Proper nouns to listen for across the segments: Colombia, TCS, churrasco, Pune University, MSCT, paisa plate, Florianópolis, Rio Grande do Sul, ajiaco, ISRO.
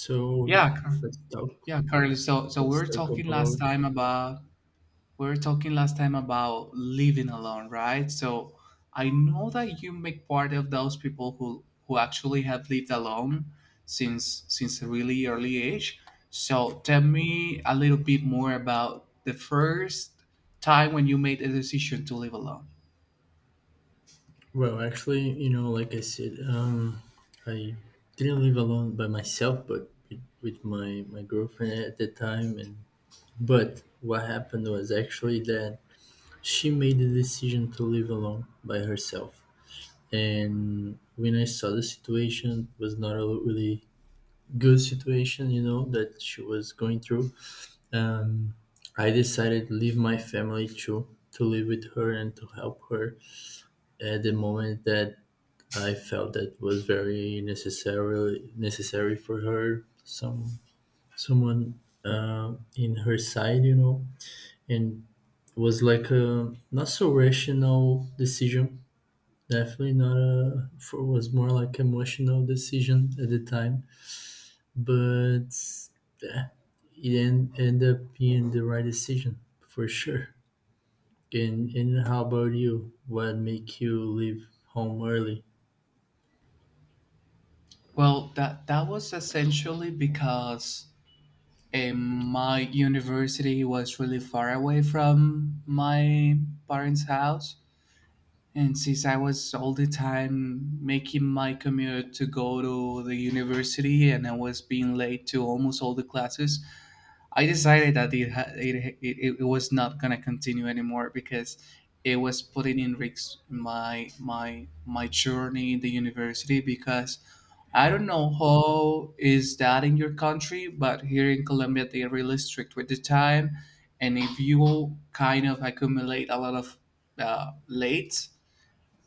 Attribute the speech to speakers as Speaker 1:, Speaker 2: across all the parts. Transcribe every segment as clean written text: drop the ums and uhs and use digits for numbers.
Speaker 1: So yeah,
Speaker 2: Yeah, Car-
Speaker 1: let's talk.
Speaker 2: yeah, Carly. So, we
Speaker 1: Let's
Speaker 2: were
Speaker 1: talk
Speaker 2: talking last
Speaker 1: about.
Speaker 2: time about living alone, right? So, I know that you make part of those people who actually have lived alone since a really early age. So, tell me a little bit more about the first time when you made a decision to live alone.
Speaker 1: Well, actually, you know, like I said, I didn't live alone by myself, but with my girlfriend at the time. And but what happened was actually that she made the decision to live alone by herself. And when I saw the situation, it was not a really good situation, you know, that she was going through. Um, I decided to leave my family too, to live with her and to help her at the moment that I felt that was very necessary for her. Someone in her side, you know, and it was like a not so rational decision. Definitely not a. For was more like emotional decision at the time, but yeah, it ended up being the right decision for sure. And how about you? What make you leave home early?
Speaker 2: Well, that was essentially because and my university was really far away from my parents' house. And since I was all the time making my commute to go to the university and I was being late to almost all the classes, I decided that it ha- it was not gonna continue anymore because it was putting in risks my my journey in the university because I don't know how is that in your country, but here in Colombia they are really strict with the time, and if you kind of accumulate a lot of late,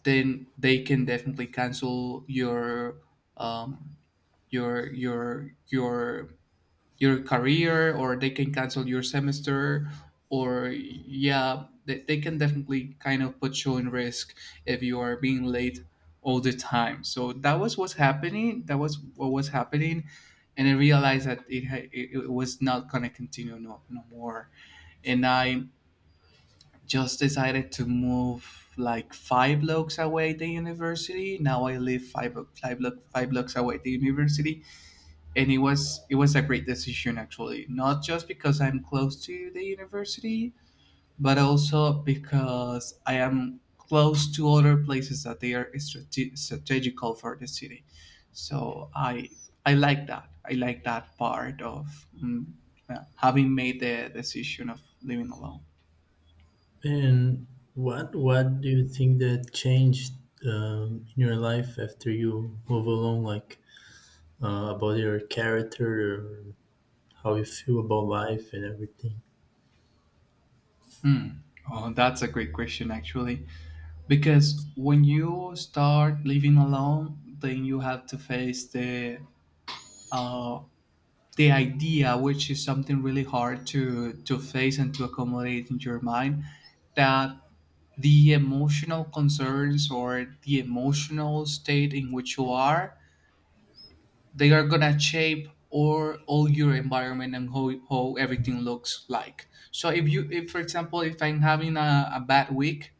Speaker 2: then they can definitely cancel your um, your your your your career, or they can cancel your semester, or yeah, they can definitely kind of put you in risk if you are being late all the time. So that was what's happening that was what was happening and I realized that it was not going to continue, no more. And I just decided to move like five blocks away the university. Now I live five blocks away the university. And it was a great decision actually, not just because I'm close to the university, but also because I am close to other places that they are strategical for the city. So I I like that part of having made the decision of living alone.
Speaker 1: And what do you think that changed in your life after you move along, like about your character or how you feel about life and everything?
Speaker 2: Hmm. Oh, that's a great question, actually. Because when you start living alone, then you have to face uh, the idea, which is something really hard to face and to accommodate in your mind, that the emotional concerns or the emotional state in which you are, they are gonna shape or all your environment and how everything looks like. So if you, if for example, if I'm having a bad week,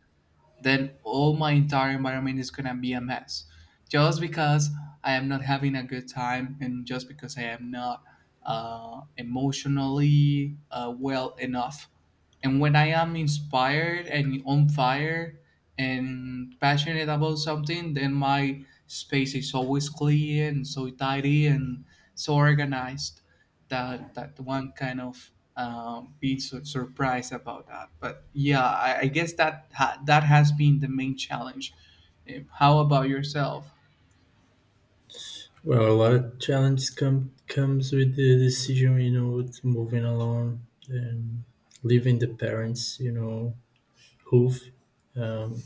Speaker 2: then all my entire environment is gonna be a mess. Just because I am not having a good time, and just because I am not emotionally well enough. And when I am inspired and on fire and passionate about something, then my space is always clean and so tidy and so organized that that one kind of being so surprised about that. But yeah, I guess that that has been the main challenge. How about yourself?
Speaker 1: Well, a lot of challenge comes with the decision, you know, with moving along and leaving the parents, you know, who've um,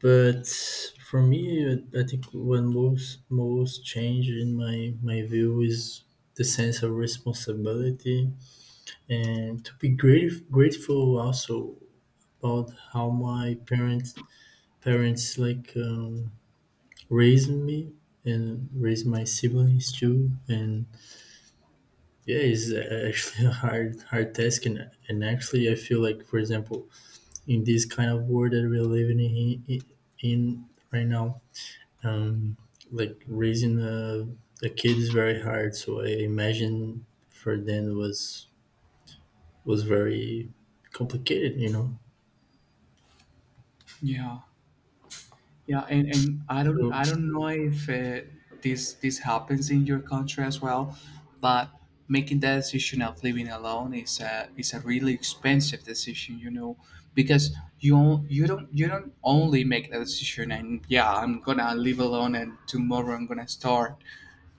Speaker 1: but for me, I think when most change in my view is the sense of responsibility and to be grateful also, about how my parents like raised me and raised my siblings too. And yeah, it's actually a hard task, and actually I feel like, for example, in this kind of world that we're living in, in right now, um, like raising a kid is very hard. So I imagine for them was very complicated, you know.
Speaker 2: Yeah, yeah, and I don't
Speaker 1: So
Speaker 2: I don't know if this happens in your country as well, but making that decision of living alone is a really expensive decision, you know, because you don't only make that decision and yeah, I'm gonna live alone and tomorrow I'm gonna start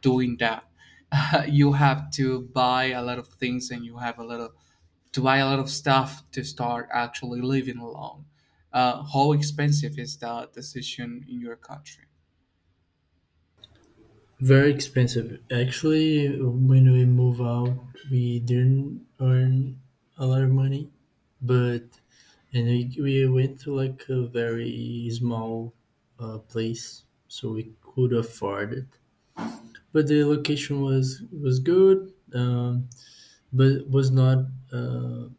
Speaker 2: doing that. You have to buy a lot of things, and you have a lot of to buy a lot of stuff to start actually living alone. How expensive is that decision in your country?
Speaker 1: very expensive. Actually, when we move out, we didn't earn a lot of money, but and we went to like a very small place, so we could afford it. But the location was good, but was not. Uh,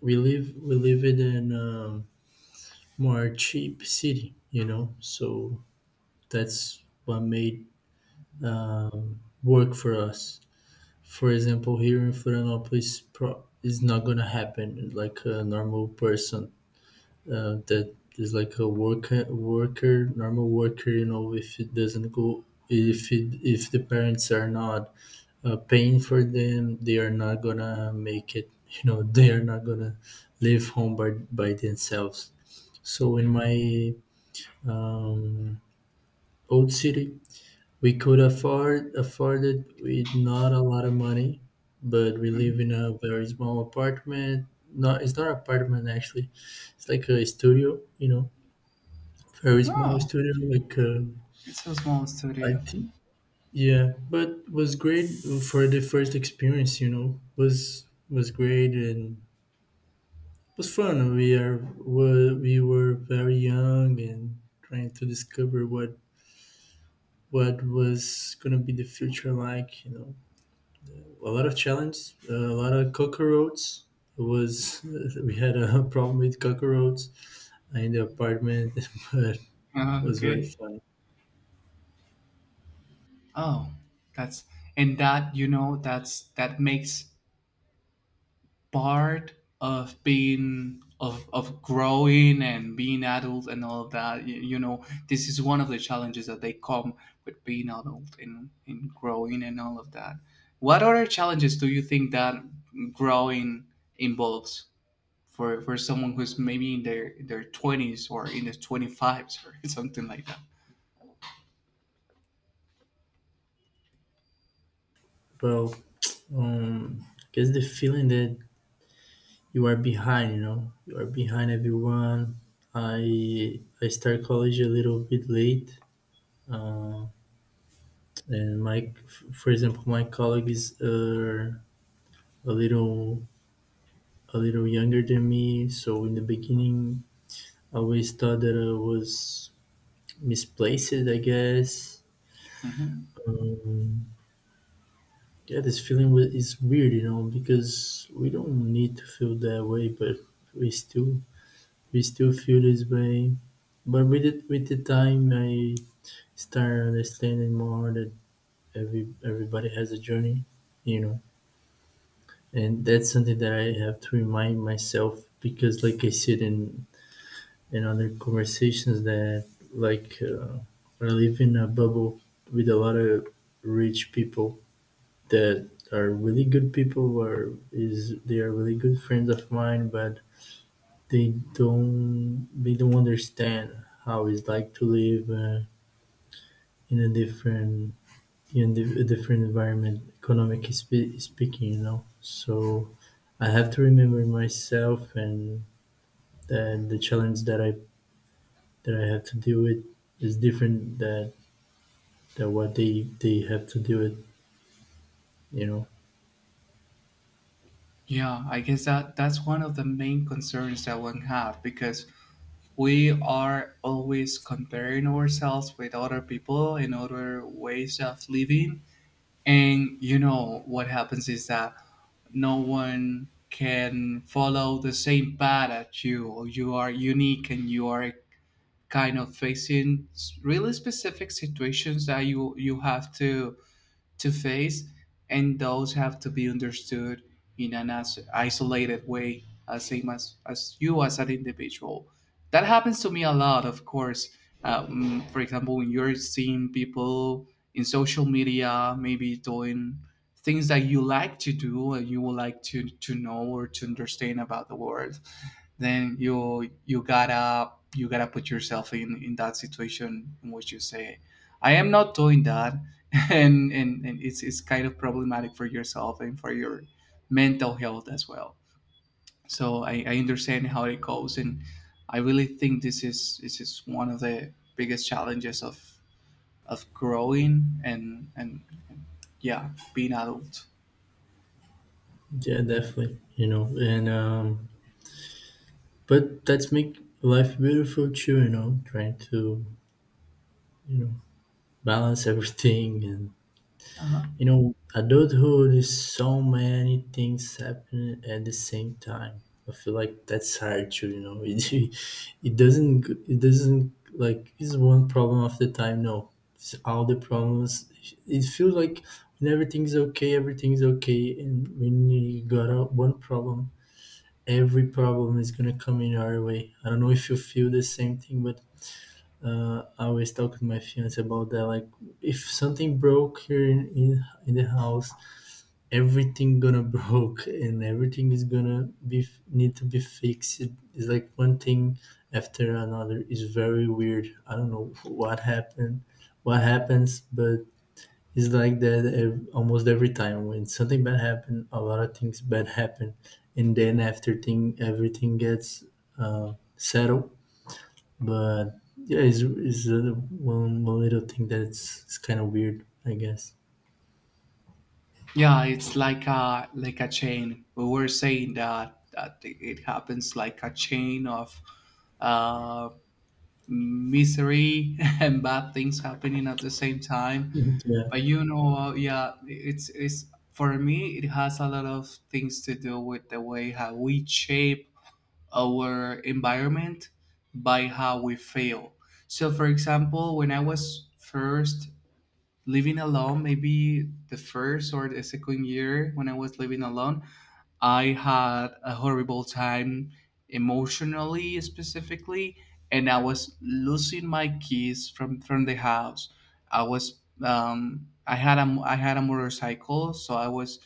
Speaker 1: we live in an more cheap city, you know. So that's what made work for us. For example, here in Florianópolis, is not gonna happen. Like a normal person that is like a normal worker. You know, if it doesn't go, if the parents are not paying for them, they are not gonna make it. You know, they are not gonna live home by themselves. So in my um, old city, we could afford it with not a lot of money, but we
Speaker 2: Mm.
Speaker 1: live in a very small apartment. Not it's not apartment actually, it's like a studio, you know, very small
Speaker 2: Oh,
Speaker 1: studio. Like
Speaker 2: it's a small
Speaker 1: I
Speaker 2: studio.
Speaker 1: think. Yeah, but was great for the first experience. You know, was great and was fun. We are were, we, were very young and trying to discover what was going to be the future like, you know. A lot of challenges, a lot of cockroaches. It was, we had a problem with cockroaches in the apartment. But it was very
Speaker 2: Okay.
Speaker 1: fun.
Speaker 2: Oh, that's, and that, you know, that's that makes part of being of growing and being adult and all of that. You know, this is one of the challenges that they come with being adult and in growing and all of that. What other challenges do you think that growing involves for someone who's maybe in their twenties or in their twenty fives or something like that?
Speaker 1: Well, I guess the feeling that you are behind, you know, you are behind everyone. I start college a little bit late. uh, and my for example, my colleagues are a little a little younger than me, so in the beginning, I always thought that I was misplaced, I guess.
Speaker 2: Hmm.
Speaker 1: Um, yeah, this feeling is weird, you know, because we don't need to feel that way, but we still we still feel this way. But with the time, I start understanding more that everybody has a journey, you know, and that's something that I have to remind myself because, like I said in and other conversations that, like, I live in a bubble with a lot of rich people that are really good people, or is they are really good friends of mine, but they don't understand how it's like to live in a different environment economically speaking, you know. So I have to remember myself, and the challenge that I have to deal with is different that what they have to deal with. You know,
Speaker 2: Yeah, I guess that that's one of the main concerns that one have, because we are always comparing ourselves with other people and other ways of living. And you know what happens is that no one can follow the same path as you. You are unique, and you are kind of facing really specific situations that you have to face, and those have to be understood in an as isolated way, as same as you as an individual. That happens to me a lot, of course. For example, when you're seeing people in social media, maybe doing things that you like to do and you would like to know or to understand about the world, then you you gotta put yourself in that situation in which you say, I am not doing that. And and it's kind of problematic for yourself and for your mental health as well. So I understand how it goes. And I really think this is one of the biggest challenges of growing and yeah, being adult.
Speaker 1: yeah, definitely. You know, and but that's make life beautiful too. You know, trying to you know balance everything and.
Speaker 2: Uh-huh.
Speaker 1: You know, adulthood is so many things happening at the same time. I feel like that's hard to, it doesn't like, it's one problem of the time. No, it's all the problems. It feels like when everything's okay, everything's okay. And when you got out one problem, every problem is going to come in our way. I don't know if you feel the same thing, but I always talk to my fiance about that. Like, if something broke here in the house, everything gonna broke, and everything is gonna be need to be fixed. It's like one thing after another. It's very weird. I don't know what happens, but it's like that almost every time when something bad happen, a lot of things bad happen. And then after thing everything gets settled. But yeah, it's one little thing that's it's kind of weird, I guess.
Speaker 2: Yeah, it's like a chain we were saying that that it happens like a chain of um misery and bad things happening at the same time.
Speaker 1: Yeah.
Speaker 2: But you know, yeah, it's for me it has a lot of things to do with the way how we shape our environment by how we feel. So, for example, when I was first living alone, maybe the first or the second year when I was living alone, I had a horrible time emotionally, specifically, and I was losing my keys from the house. I was I had a motorcycle, so I was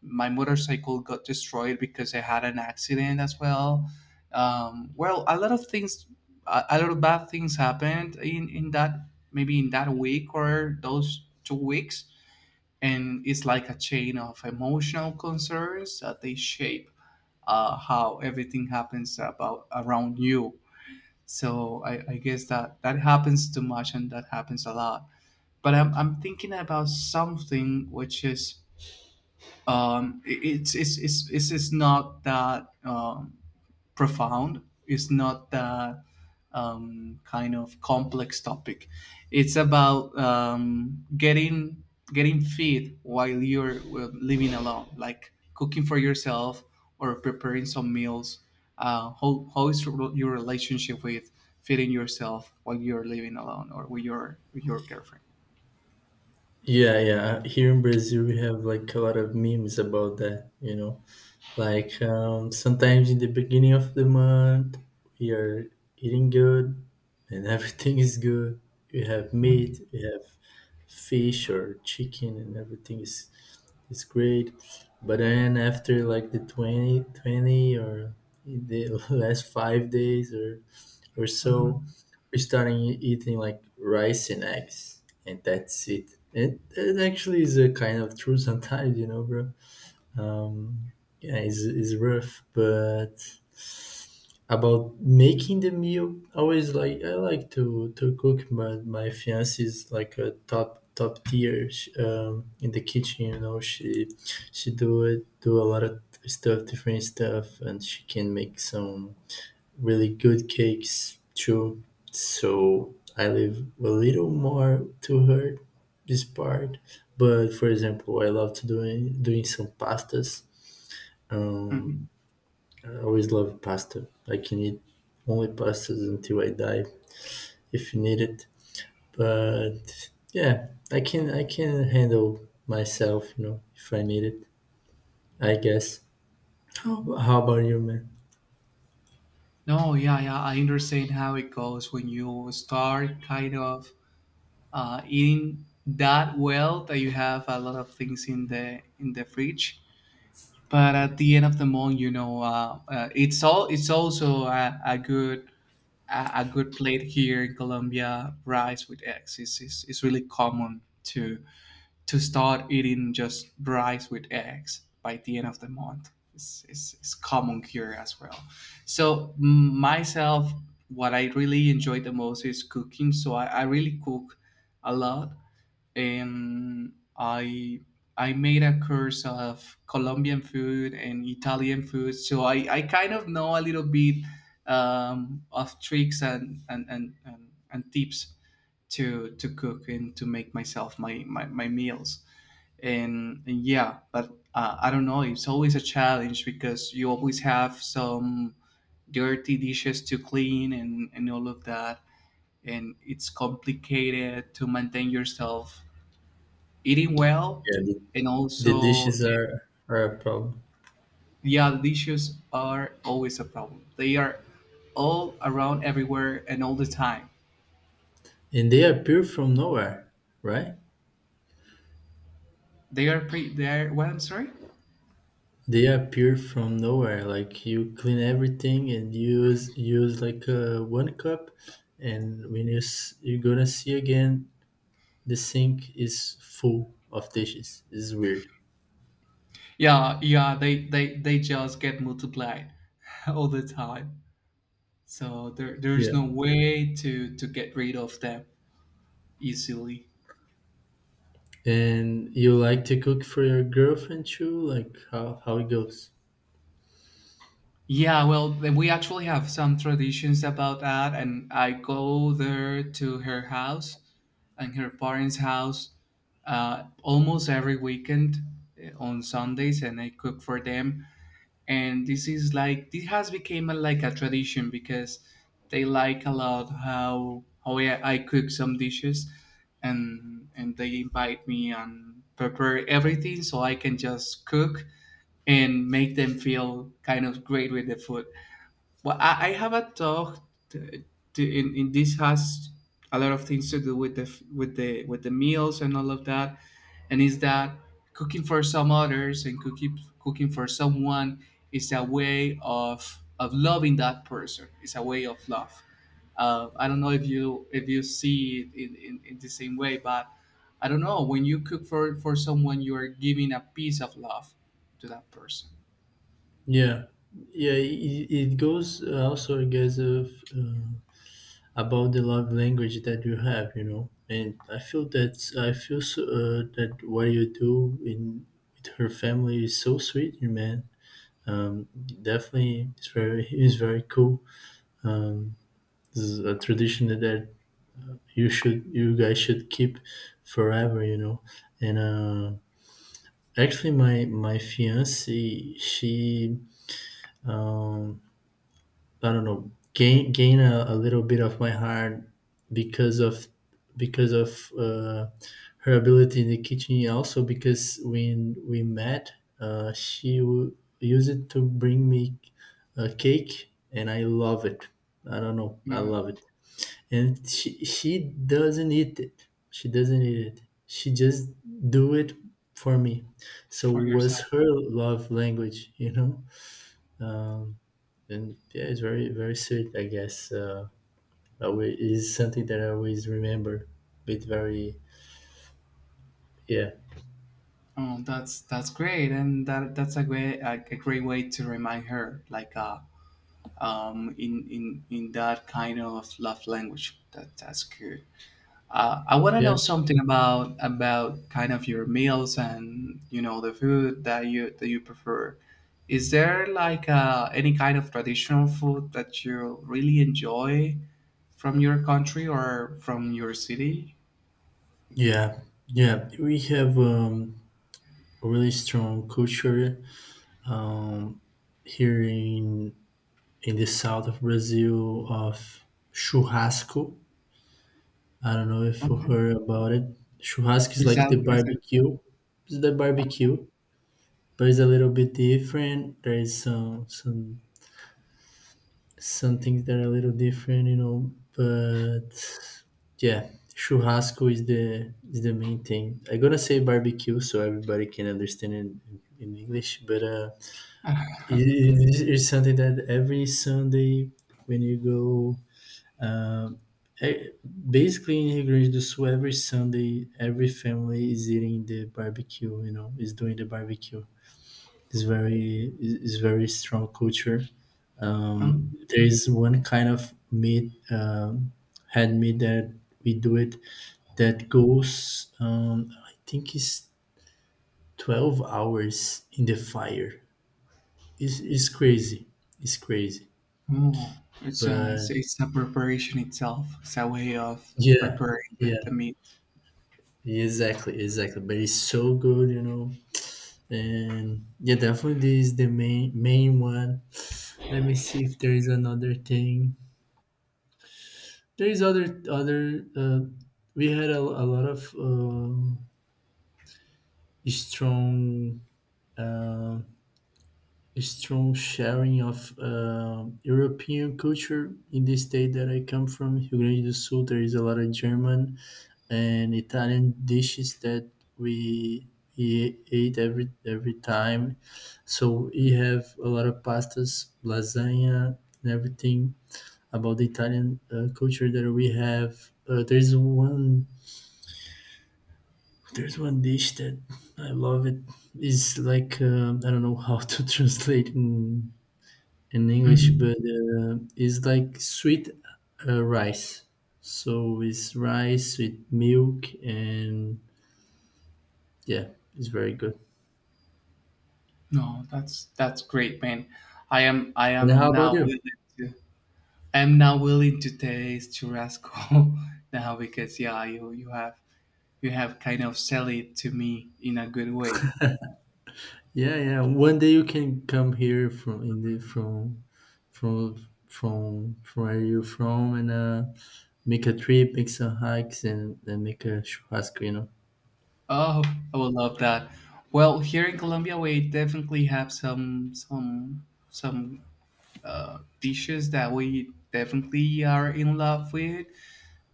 Speaker 2: my motorcycle got destroyed because I had an accident as well. Well, a lot of things, a lot of bad things happened in that, maybe in that week or those 2 weeks. And it's like a chain of emotional concerns that they shape how everything happens about around you. So I guess that that happens too much and that happens a lot. But I'm thinking about something which is it's not that profound. It's not that kind of complex topic. It's about getting getting fed while you're living alone, like cooking for yourself or preparing some meals. How is your relationship with feeding yourself while you're living alone or with your girlfriend?
Speaker 1: Yeah, yeah. Here in Brazil, we have like a lot of memes about that, you know. Like sometimes in the beginning of the month, we are eating good, and everything is good. We have meat, we have fish or chicken, and everything is great. But then after like the 20 20 or the last 5 days or
Speaker 2: Uh-huh.
Speaker 1: so, we starting eating like rice and eggs, and that's it. And it actually is a kind of true sometimes, you know, bro. Um, yeah, it's rough, but about making the meal, I always like I like to cook. My fiance is like a top tier, in the kitchen. You know, she do a lot of stuff, different stuff, and she can make some really good cakes too. So I leave a little more to her, this part. But, for example, I love to doing some pastas. Um,
Speaker 2: Mhm.
Speaker 1: I always love pasta. I can eat only pastas until I die, if you need it. But yeah, I can handle myself, you know, if I need it. I guess. How about you, man?
Speaker 2: No, yeah, yeah, I understand how it goes when you start kind of eating that well that you have a lot of things in the fridge. But at the end of the month, you know, it's all it's also a good plate here in Colombia. Rice with eggs is is really common to start eating just rice with eggs by the end of the month. It's common here as well. So myself, what I really enjoy the most is cooking. So I really cook a lot, and I made a course of Colombian food and Italian food, so I kind of know a little bit of tricks and tips to cook and to make myself my my, my meals. And yeah, but I don't know, it's always a challenge because you always have some dirty dishes to clean and all of that, and it's complicated to maintain yourself eating well.
Speaker 1: Yeah, the,
Speaker 2: And
Speaker 1: the
Speaker 2: also
Speaker 1: dishes are a problem.
Speaker 2: yeah, dishes are always a problem. They are all around everywhere and all the time.
Speaker 1: And they appear from nowhere, right?
Speaker 2: They are pre they're what? I'm sorry.
Speaker 1: They appear from nowhere. Like you clean everything and use like one cup, and when you you're gonna see again, the sink is full of dishes. It's weird.
Speaker 2: Yeah, yeah, they just get multiplied all the time, so there there's
Speaker 1: Yeah.
Speaker 2: no way to get rid of them easily.
Speaker 1: And you like to cook for your girlfriend too? Like how it goes?
Speaker 2: Yeah, well, we actually have some traditions about that, and I go there to her house and her parents' house almost every weekend, on Sundays, and I cook for them. And this is like this has become a, like a tradition, because they like a lot how I cook some dishes, and they invite me and prepare everything so I can just cook and make them feel kind of great with the food. Well, I have a talk to, to, in this has a lot of things to do with the with the with the meals and all of that, and is that cooking for some others and cooking cooking for someone is a way of loving that person. It's a way of love. I don't know if you see it in the same way, but I don't know, when you cook for someone, you are giving a piece of love to that person.
Speaker 1: Yeah, yeah. It goes, also, I guess, of. Uh, about the love language that you have, you know. And I feel so, that what you do in with her family is so sweet, you man. um Definitely, it's very cool. um this is a tradition that you guys should keep forever, you know. And actually, my fiance, she, um I don't know, gain a little bit of my heart because of because of uh, her ability in the kitchen. And also, because when we met, she used it to bring me a cake, and I love it. I don't know, I
Speaker 2: Mhm.
Speaker 1: love it. And she doesn't eat it. She doesn't eat it. She just do it for me. So
Speaker 2: For
Speaker 1: was
Speaker 2: yourself.
Speaker 1: her love language, you know. Um, and yeah, it's very, very sweet, I guess. Always is something that I always remember. But very. Yeah,
Speaker 2: Oh, that's great, and that that's a great way to remind her, like in that kind of love language. That that's good. I want to
Speaker 1: yeah,
Speaker 2: know something about kind of your meals and you know the food that you prefer. Is there like any kind of traditional food that you really enjoy from your country or from your city?
Speaker 1: yeah, yeah. We have a really strong culture, um, here in the south of Brazil, of churrasco. I don't know if you
Speaker 2: Okay,
Speaker 1: heard about it. Churrasco is
Speaker 2: is
Speaker 1: like
Speaker 2: that
Speaker 1: the
Speaker 2: is it?
Speaker 1: barbecue. It's the
Speaker 2: Uh,
Speaker 1: barbecue, but it's a little bit different. There is some things that are a little different, you know. But yeah, churrasco is the main thing. I'm gonna say barbecue so everybody can understand it in English. But it's something that every Sunday when you go, e- basically in Rio Grande do Sul, every Sunday every family is eating the barbecue. You know, is doing the barbecue. It's very strong culture.
Speaker 2: uh,
Speaker 1: There is one kind of meat, hand meat that we do it, that goes, I think it's 12 hours in the fire. It's crazy. It's crazy.
Speaker 2: Oh, it's a it's,
Speaker 1: But
Speaker 2: it's a preparation itself. It's a way of
Speaker 1: yeah,
Speaker 2: preparing
Speaker 1: yeah,
Speaker 2: the meat.
Speaker 1: exactly, exactly. But it's so good, you know. And yeah, definitely this is the main one. Let me see if there is another thing. There is other. We had a lot of. Strong um strong sharing of European culture in the state that I come from, Rio Grande do Sul. There is a lot of German and Italian dishes that we we ate every time. So we have a lot of pastas, lasagna, and everything about the Italian culture that we have. Uh, there's one There's one dish that I love. It is like, I don't know how to translate in English,
Speaker 2: Hmm.
Speaker 1: but it's like sweet, rice. So it's rice with milk, and yeah, it's very good.
Speaker 2: No, that's great, man. I
Speaker 1: And
Speaker 2: am
Speaker 1: how about
Speaker 2: now willing
Speaker 1: you?
Speaker 2: to I am now willing to taste churrasco now because yeah, you have you have kind of sell it to me in a good way.
Speaker 1: Yeah, yeah. One day you can come here from in the from from where you're from, and make a trip, make some hikes, and make a churrasco. You know.
Speaker 2: Oh, I would love that. Well, here in Colombia, we definitely have some dishes that we definitely are in love with.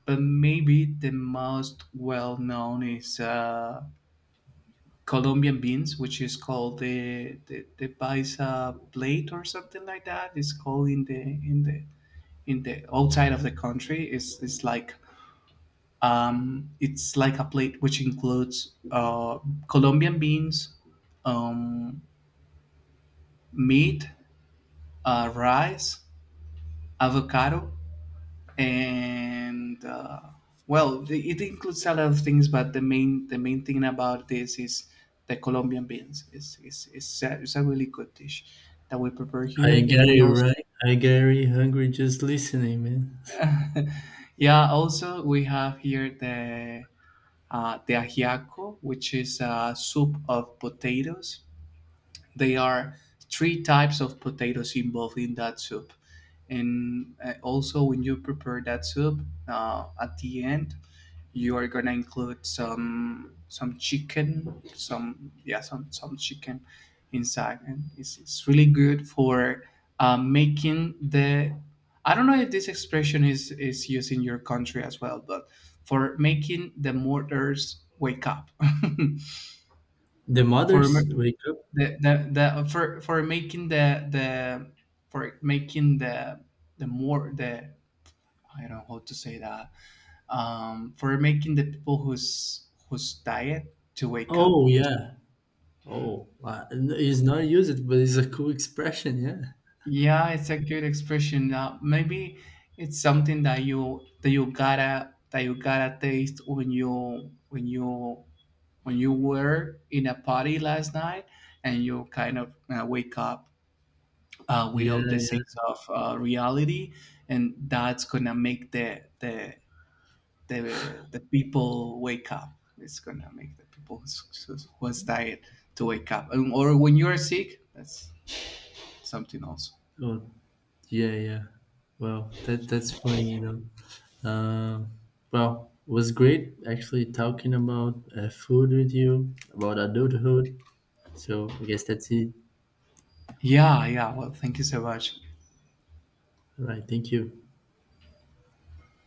Speaker 2: But maybe the most well known is Colombian beans, which is called the paisa plate or something like that. It's called in the in the in the outside of the country. It's like a plate which includes Colombian beans, um, meat, rice, avocado, and well the, it includes a lot of things, but the main thing about this is the Colombian beans. It's it's a really good dish that we prepare here.
Speaker 1: I
Speaker 2: And
Speaker 1: got
Speaker 2: we
Speaker 1: it
Speaker 2: also
Speaker 1: right. I got really hungry just listening, man.
Speaker 2: yeah, also we have here the ajiaco, which is a soup of potatoes. There are three types of potatoes involved in that soup. And also, when you prepare that soup, at the end, you are gonna include some chicken, some yeah, some chicken inside, and it's really good for making the. I don't know if this expression is used in your country as well, but for making the mortars wake up.
Speaker 1: The
Speaker 2: for
Speaker 1: mothers
Speaker 2: m-
Speaker 1: wake up.
Speaker 2: the for making the for making the more the I don't know how to say that, for making the people whose whose diet to wake up.
Speaker 1: Oh yeah. Oh, wow. It's not used, but it's a cool expression. Yeah.
Speaker 2: Yeah, it's a good expression. Maybe it's something that you gotta taste when you when you when you were in a party last night and you kind of wake up
Speaker 1: Yeah,
Speaker 2: without the sense
Speaker 1: yeah.
Speaker 2: of reality, and that's gonna make the people wake up. It's gonna make the people who was diet to wake up, and, or when you are sick, that's something else.
Speaker 1: Oh, yeah, yeah. Well, that's funny, you know. Um, well, it was great actually talking about food with you, about adulthood. So I guess that's it.
Speaker 2: Yeah, yeah. Well, thank you so much.
Speaker 1: All right. Thank you.